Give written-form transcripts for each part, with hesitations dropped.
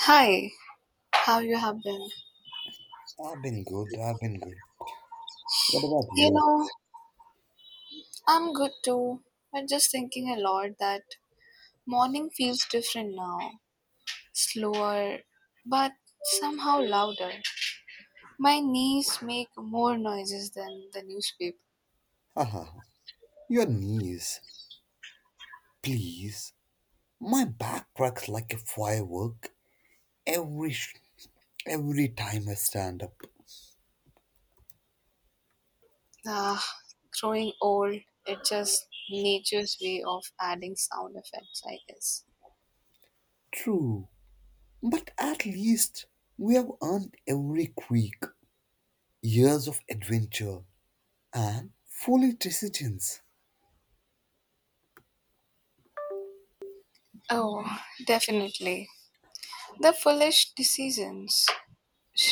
Hi, how you have been? I've been good, I've been good. What about You you? know, I'm good too. I'm just thinking a lot that morning feels different now. Slower, but somehow louder. My knees make more noises than the newspaper. Haha, your knees, please. My back cracks like a firework every sh- every time I stand up. Ah, growing old, it's just nature's way of adding sound effects, I guess. True, but at least we have earned every creak, years of adventure, and foolish decisions. Oh, definitely. The foolish decisions.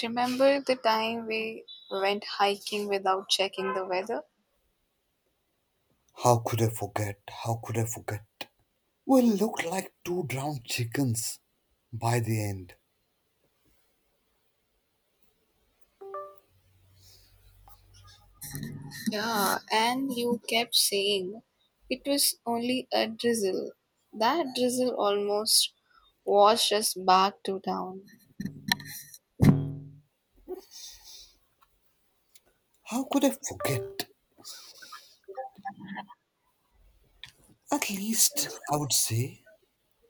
Remember the time we went hiking without checking the weather? How could I forget? How could I forget? We looked like two drowned chickens by the end. Yeah, and you kept saying it was only a drizzle. That drizzle almost washed us back to town. How could I forget? At least I would say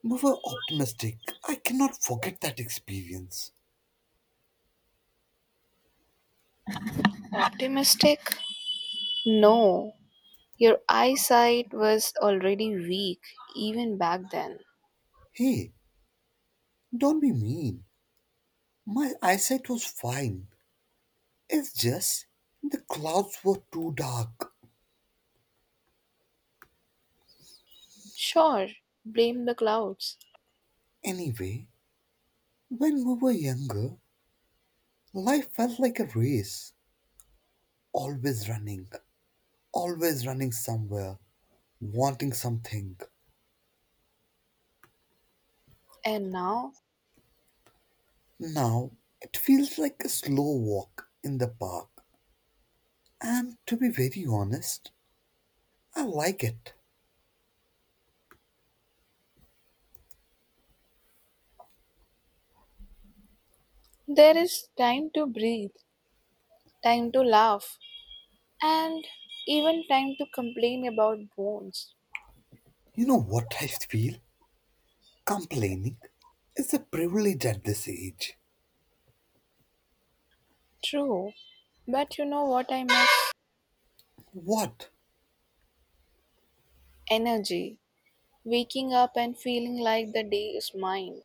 we were optimistic. I cannot forget that experience. Optimistic? No. Your eyesight was already weak even back then. Hey, don't be mean. My eyesight was fine. It's just the clouds were too dark. Sure, blame the clouds. Anyway, when we were younger, life felt like a race. Always running, always running somewhere, wanting something. And now Now, it feels like a slow walk in the park. And to be very honest, I like it. there is time to breathe, time to laugh, and even time to complain about bones. You know what I feel? Complaining is a privilege at this age. True, but you know what I miss? What? Energy. Waking up and feeling like the day is mine.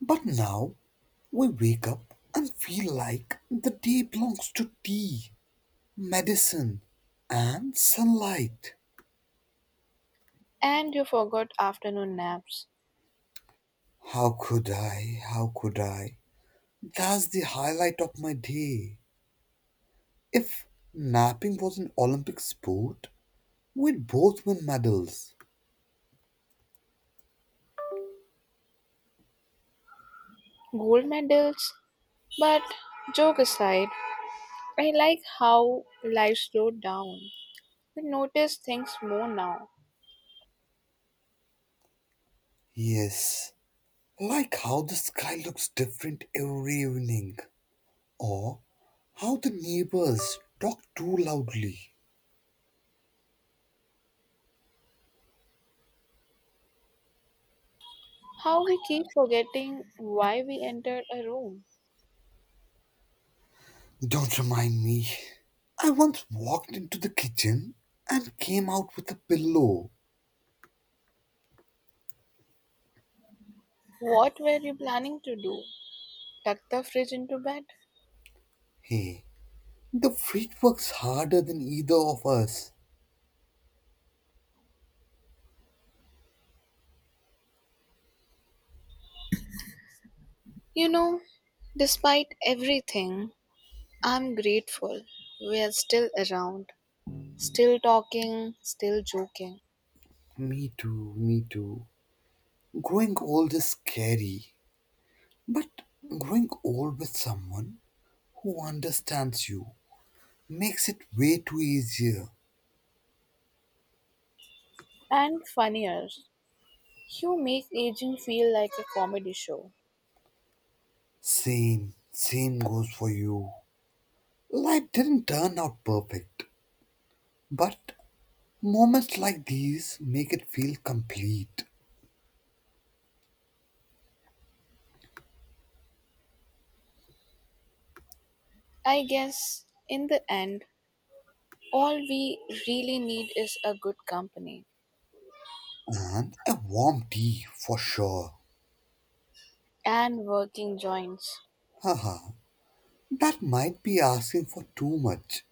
But now we wake up and feel like the day belongs to tea, medicine, and sunlight. And you forgot afternoon naps. How could I? How could I? That's the highlight of my day. If napping was an Olympic sport, we'd both win medals. Gold medals? But joke aside, I like how life slowed down. We notice things more now. Yes, like how the sky looks different every evening, or how the neighbors talk too loudly. How we keep forgetting why we entered a room. Don't remind me. I once walked into the kitchen and came out with a pillow. What were you planning to do? Tuck the fridge into bed? Hey, the fridge works harder than either of us. You know, despite everything, I'm grateful. We are still around, still talking, still joking. Me too, me too. Growing old is scary, but growing old with someone who understands you makes it way too easier. And funnier, you make aging feel like a comedy show. Same, same goes for you. Life didn't turn out perfect, but moments like these make it feel complete, I guess in the end, all we really need is a good company and a warm tea for sure. and working joints. Haha, that might be asking for too much.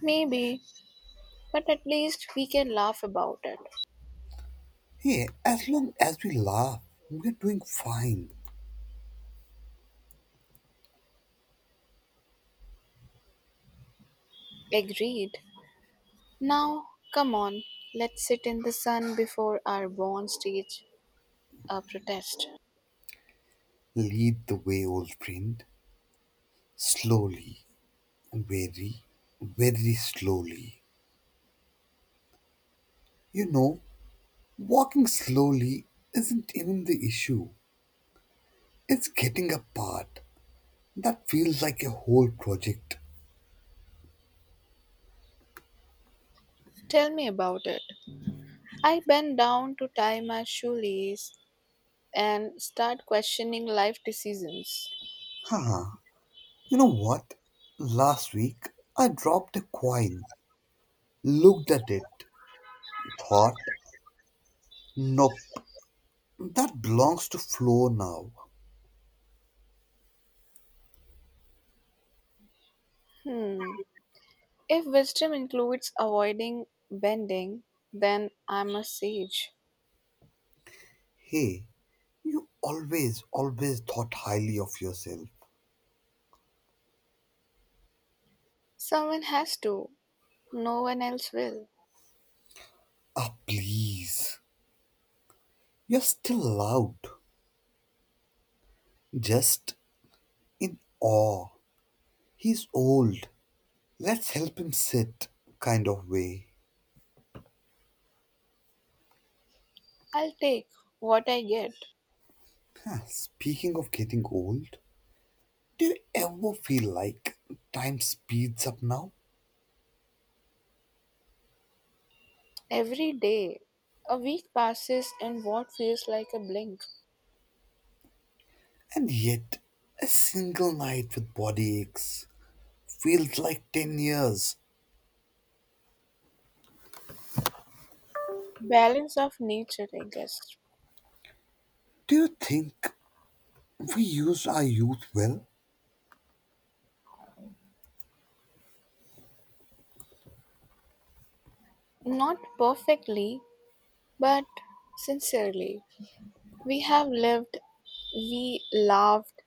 Maybe, but at least we can laugh about it. Hey, as long as we laugh, we're doing fine. Agreed. Now, come on, let's sit in the sun before our born stage protest. Lead the way, old friend. Slowly, very, very slowly. You know, walking slowly isn't even the issue. It's getting apart. That feels like a whole project. Tell me about it. I bend down to tie my shoelace and start questioning life decisions. Haha. You know what? Last week I dropped a coin, looked at it, thought, nope, that belongs to Flo now. Hmm. If wisdom includes avoiding bending, then I'm a sage. Hey, you always, always thought highly of yourself. Someone has to, no one else will. Ah, please. You're still loud, just in awe. He's old. Let's help him sit, kind of way. I'll take what I get Huh, speaking of getting old, do you ever feel like time speeds up now? every day. A week passes in what feels like a blink. And yet, a single night with body aches feels like 10 years. Balance of nature, I guess. Do you think we used our youth well? Not perfectly, but sincerely. We have lived, we laughed,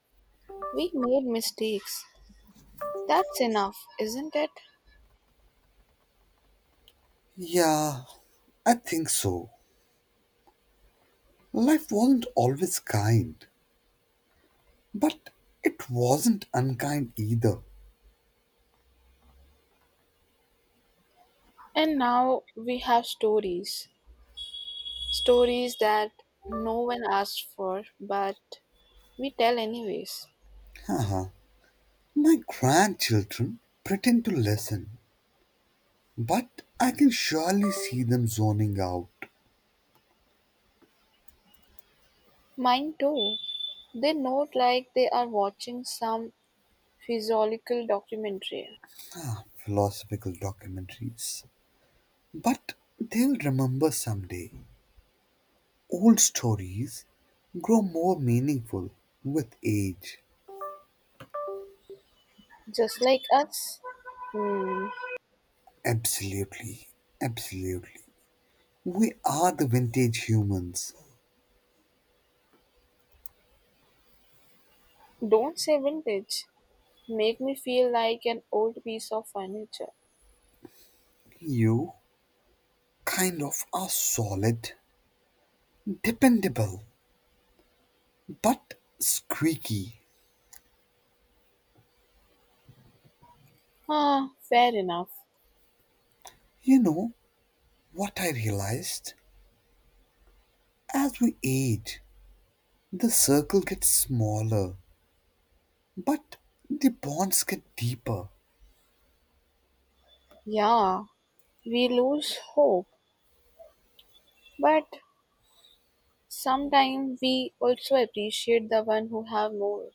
we made mistakes. That's enough, isn't it? Yeah, I think so. Life wasn't always kind, but it wasn't unkind either. And now we have stories. Stories that no one asked for, but we tell anyways. Haha. My grandchildren pretend to listen, but I can surely see them zoning out. Mine too. They note like they are watching some physiological documentary, Ah, philosophical documentaries. But they'll remember someday. Old stories grow more meaningful with age. just like us. Hmm. Absolutely, absolutely. We are the vintage humans. Don't say vintage. Make me feel like an old piece of furniture. You kind of are solid, dependable, but squeaky. Ah, fair enough. You know what I realized? As we age, the circle gets smaller, but the bonds get deeper. Yeah, we lose hope, but sometimes we also appreciate the one who have more.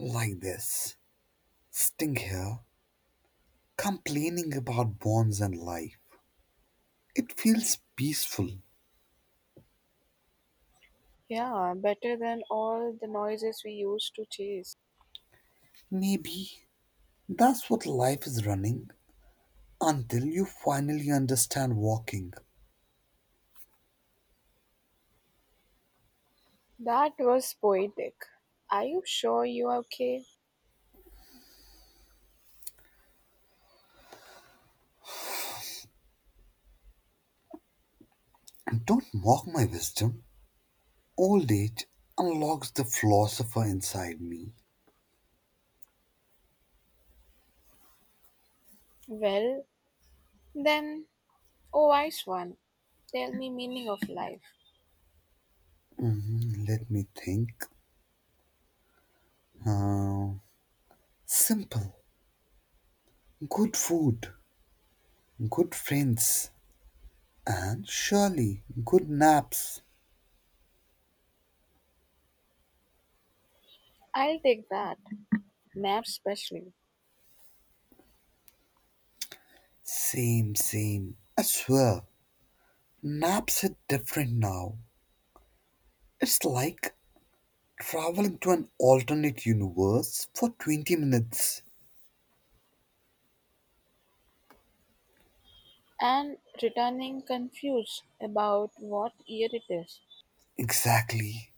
Like this, sitting here, complaining about bonds and life. It feels peaceful. Yeah, better than all the noises we used to chase. Maybe that's what life is, running until you finally understand walking. That was poetic. Are you sure you are okay? And don't mock my wisdom. Old age unlocks the philosopher inside me. Well, then, oh wise one, tell me meaning of life. Let me think. Uh, simple, good food, good friends, and surely good naps. I'll take that, nap specially, Same, same. I swear, naps hit different now. It's like traveling to an alternate universe for 20 minutes. and returning confused about what year it is. Exactly.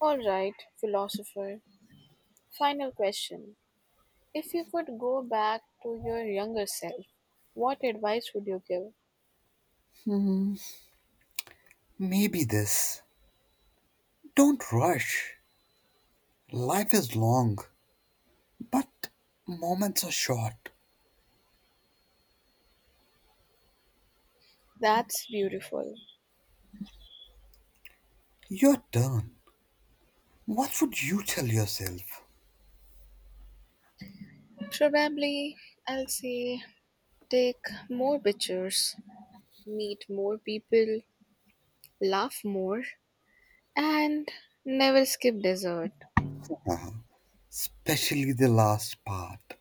All right, philosopher. Final question. If you could go back to your younger self, what advice would you give? Maybe this. Don't rush. Life is long, but moments are short. That's beautiful. Your turn. What would you tell yourself? Probably I'll say take more pictures, meet more people, laugh more, and never skip dessert. Especially the last part.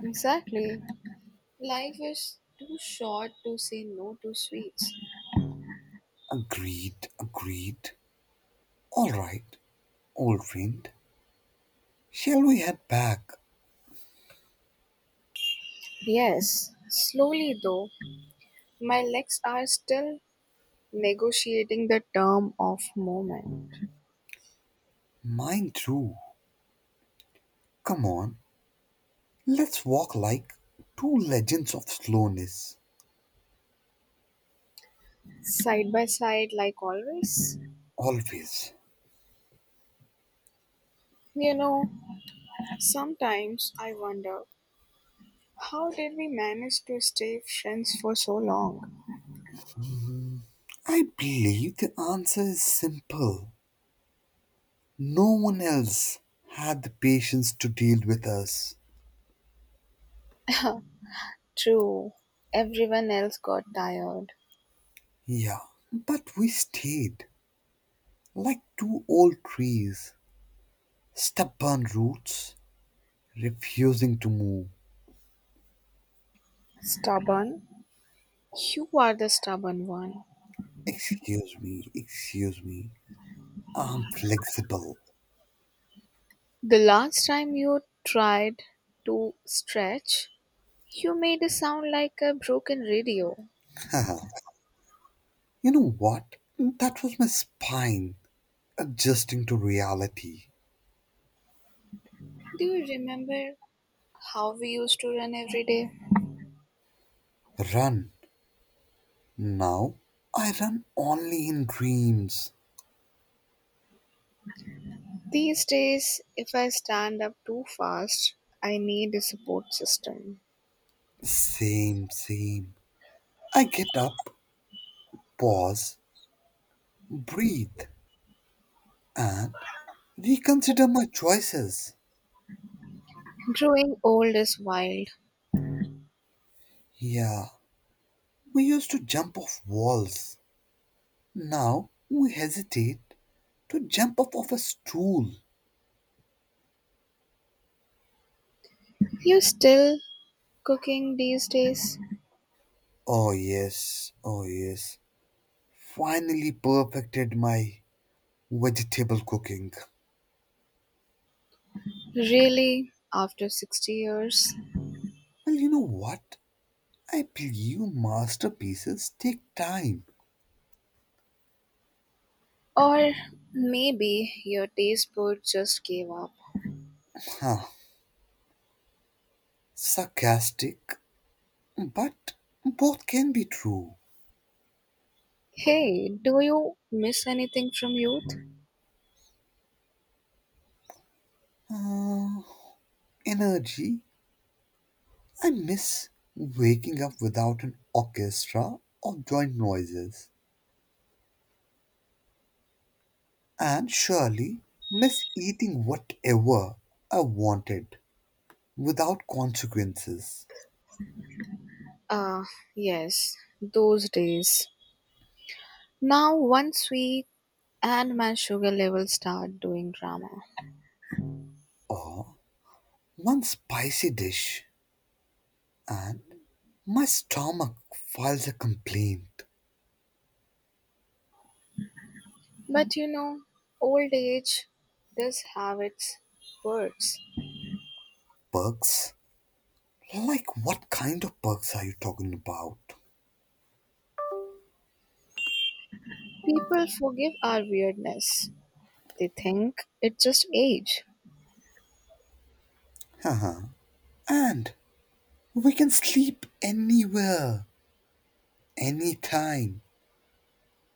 Exactly. Life is too short to say no to sweets. Agreed, agreed. All right, old friend. Shall we head back? Yes, slowly though, my legs are still negotiating the term of moment. Mine too. Come on, let's walk like two legends of slowness. Side by side, like always. Always. You know, sometimes I wonder, how did we manage to stay friends for so long? I believe the answer is simple. No one else had the patience to deal with us. True, everyone else got tired. Yeah, but we stayed like two old trees, stubborn roots, refusing to move. Stubborn? You are the stubborn one. Excuse me, excuse me. I'm flexible. The last time you tried to stretch, you made a sound like a broken radio. You know what? That was my spine adjusting to reality. Do you remember how we used to run every day? Run. Now I run only in dreams. These days, if I stand up too fast, I need a support system. Same, same. I get up, pause, breathe, and reconsider my choices. Growing old is wild. Yeah, we used to jump off walls. Now we hesitate to jump off of a stool. You still cooking these days? Oh, yes, oh, yes. Finally perfected my vegetable cooking. Really? After 60 years? Well, you know what? I believe masterpieces take time. Or maybe your taste board just gave up. Huh. Sarcastic, but both can be true. Hey, do you miss anything from youth? Uh, energy. I miss waking up without an orchestra of joint noises, and surely miss eating whatever I wanted without consequences, Ah, yes, those days. Now, once we and my sugar level start doing drama. or one spicy dish, and my stomach files a complaint. But you know, old age does have its perks. Perks? Like what kind of perks are you talking about? People forgive our weirdness, they think it's just age. Haha. And we can sleep anywhere, anytime,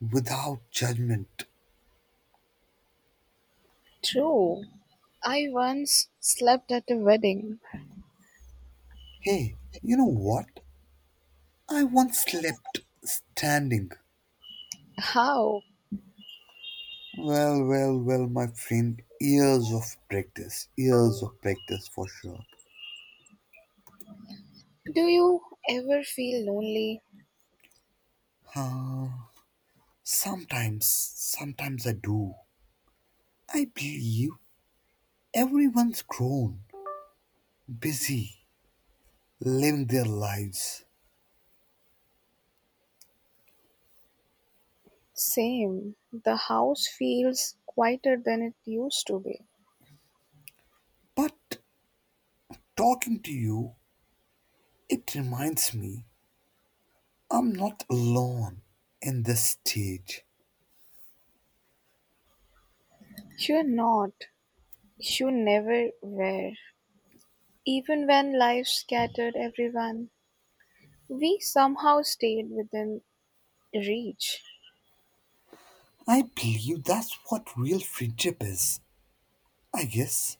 without judgment. True. I once slept at a wedding. Hey, you know what? I once slept standing. How Well, well, well, my friend, years of practice for sure. do you ever feel lonely? Sometimes, sometimes I do. I believe everyone's grown, busy, living their lives. Same. The house feels quieter than it used to be. But talking to you, it reminds me I'm not alone in this stage. You're not. You never were. Even when life scattered everyone, we somehow stayed within reach. I believe that's what real friendship is, I guess.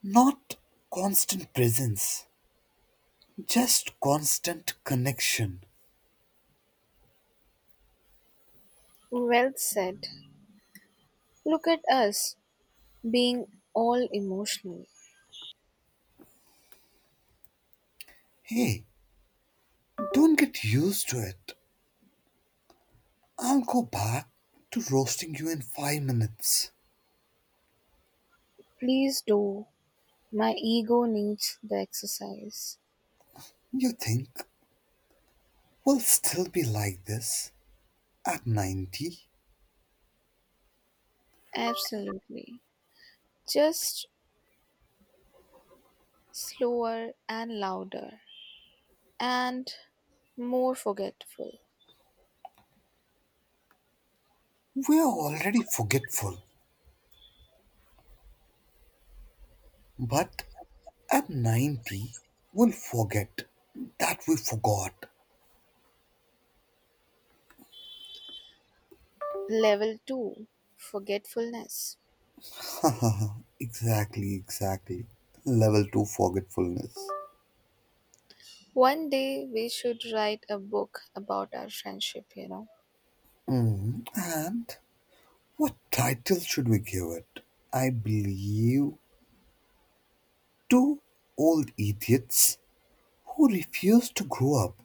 Not constant presence, just constant connection. Well said. Look at us being all emotional. Hey, don't get used to it. I'll go back to roasting you in 5 minutes. Please do. My ego needs the exercise. You think we'll still be like this at 90? Absolutely. Just slower and louder, and more forgetful. We're already forgetful, but at 90, we'll forget that we forgot. Level 2 forgetfulness. Exactly, exactly. Level 2 forgetfulness. One day we should write a book about our friendship, you know. And what title should we give it? I believe Two Old Idiots Who Refuse to Grow Up.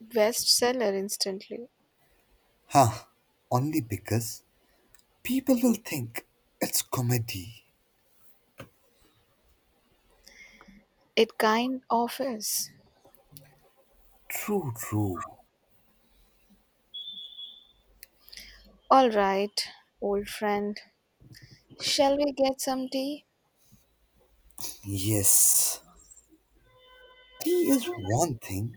Bestseller instantly. Huh, only because people will think it's comedy. It kind of is. True, true. All right, old friend. Shall we get some tea? Yes. Tea is one thing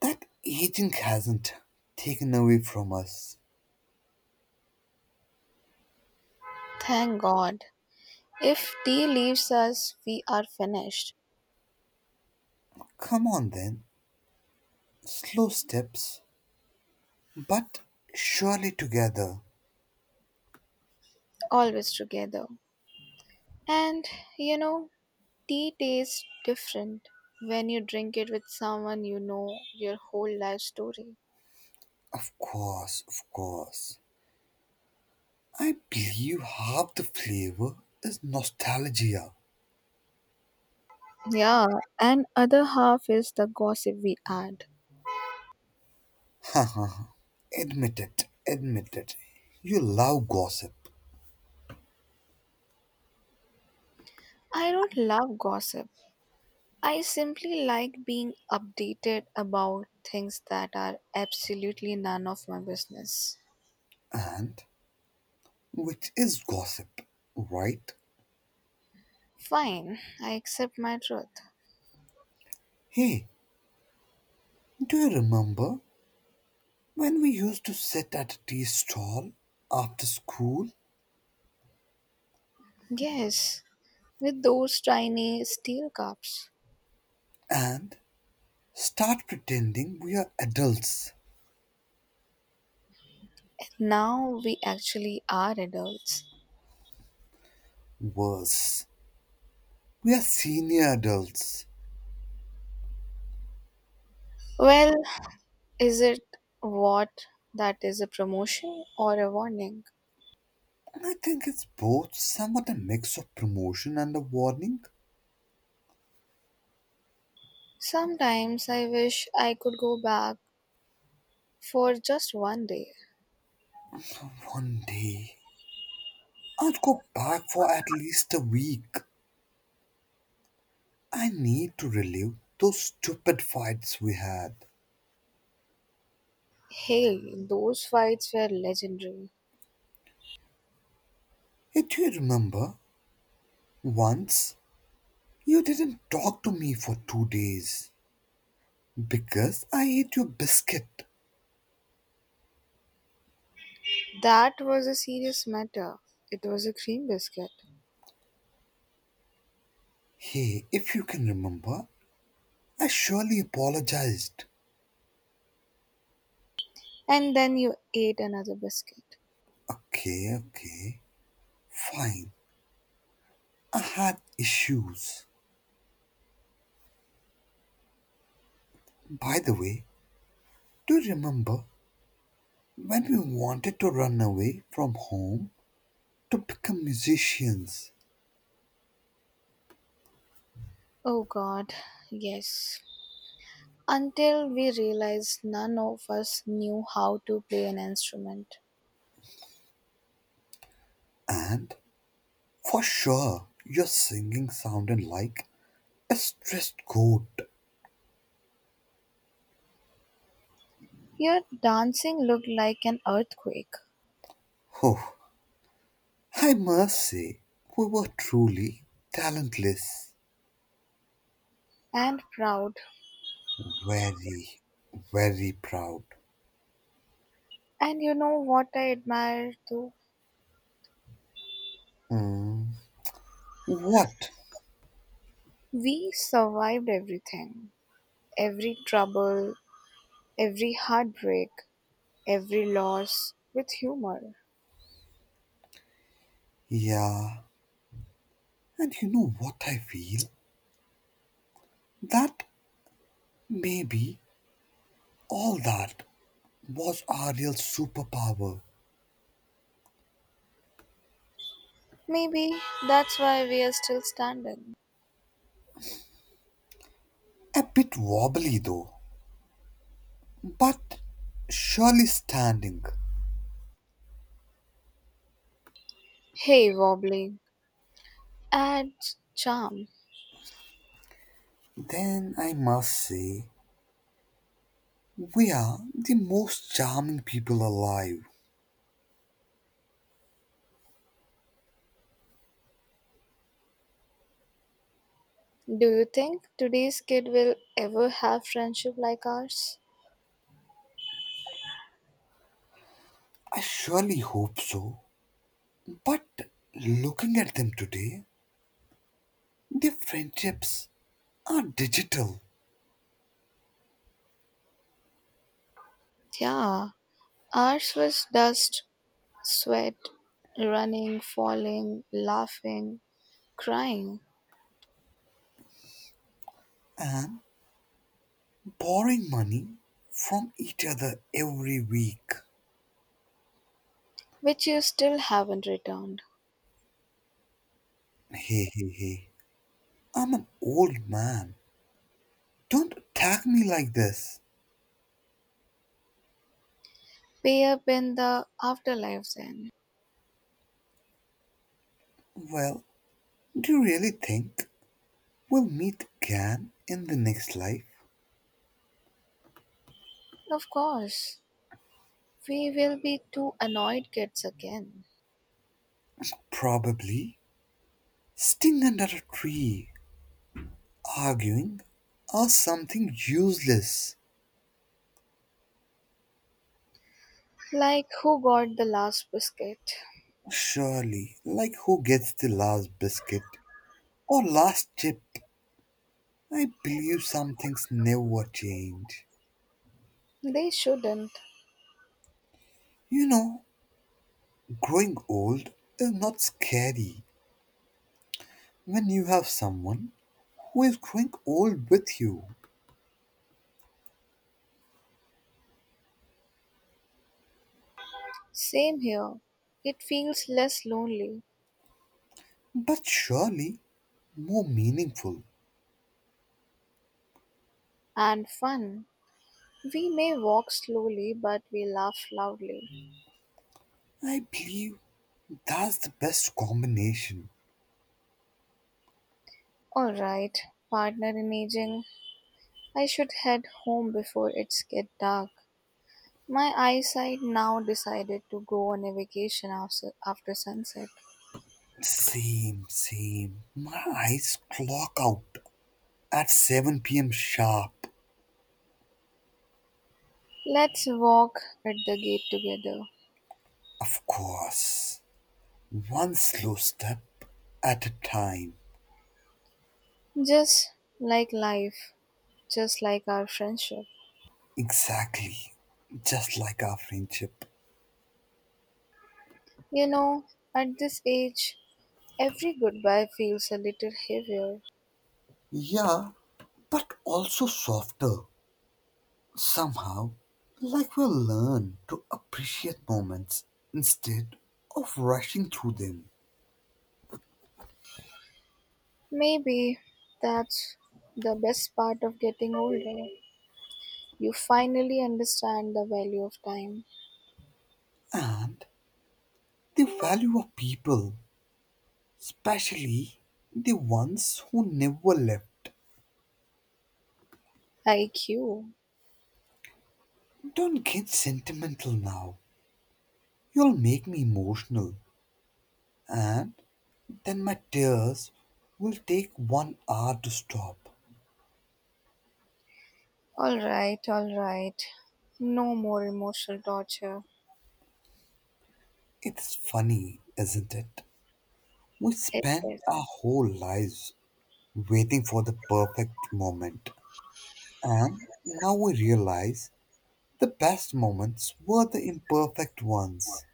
that aging hasn't taken away from us. Thank God. If tea leaves us, we are finished. Come on then, slow steps, but surely together. Always together. And you know, tea tastes different when you drink it with someone you know your whole life story. Of course, of course. I believe half the flavor is nostalgia. Yeah, and other half is the gossip we add. Admit it, admit it. You love gossip. I don't love gossip. I simply like being updated about things that are absolutely none of my business. And which is gossip, right? Fine, I accept my truth. Hey, do you remember when we used to sit at a tea stall after school Yes, with those tiny steel cups. and start pretending we are adults? Now we actually are adults. Worse, we are senior adults. Well, is it, what, that is a promotion or a warning? I think it's both, somewhat a mix of promotion and a warning. Sometimes I wish I could go back for just one day. One day, I will go back for at least a week. I need to relive those stupid fights we had. Hey, those fights were legendary. Hey, do you remember? Once, you didn't talk to me for 2 days because I ate your biscuit. That was a serious matter. It was a cream biscuit. Hey, if you can remember, I surely apologized. And then you ate another biscuit. Okay, okay, fine. I had issues. By the way, do you remember when we wanted to run away from home to become musicians? Oh god, yes. Until we realized none of us knew how to play an instrument. And for sure, your singing sounded like a stressed goat. Your dancing looked like an earthquake. Oh, I must say, we were truly talentless. And proud. Very, very proud. And you know what I admire too? What? We survived everything, every trouble, every heartbreak, every loss with humor. Yeah, and you know what I feel? That maybe all that was our real superpower. Maybe that's why we are still standing. A bit wobbly though, but surely standing. Hey, wobbly, add charm. Then I must say, we are the most charming people alive. Do you think today's kid will ever have friendship like ours? I surely hope so. But looking at them today, their friendships are digital, Yeah, ours was dust, sweat, running, falling, laughing, crying, borrowing money from each other every week. which you still haven't returned. Hey, hey, hey, I'm an old man. Don't attack me like this. Way up in the afterlives, then. Well, do you really think we'll meet again in the next life? Of course, we will be two annoyed kids again. Probably. Sting under a tree. Arguing are something useless, Like who got the last biscuit? surely, like who gets the last biscuit or last chip. I believe some things never change. They shouldn't. You know, growing old is not scary when you have someone who is growing old with you, Same here. It feels less lonely but surely more meaningful. and fun. We may walk slowly, but we laugh loudly. I believe that's the best combination. Alright, partner in aging, I should head home before it's get dark. My eyesight now decided to go on a vacation after sunset. Same, same. My eyes clock out. At 7 p.m. sharp, Let's walk at the gate together. of course. One slow step at a time. Just like life, just like our friendship. Exactly. Just like our friendship. You know, at this age, every goodbye feels a little heavier. Yeah, but also softer. Somehow. Like we'll learn to appreciate moments instead of rushing through them. Maybe that's the best part of getting older. You finally understand the value of time. And the value of people, especially the ones who never left. IQ. Don't get sentimental now. You'll make me emotional, and then my tears will take 1 hour to stop. Alright, alright. No more emotional torture. It's funny, isn't it? We spend our It's whole lives waiting for the perfect moment, and now we realize the best moments were the imperfect ones.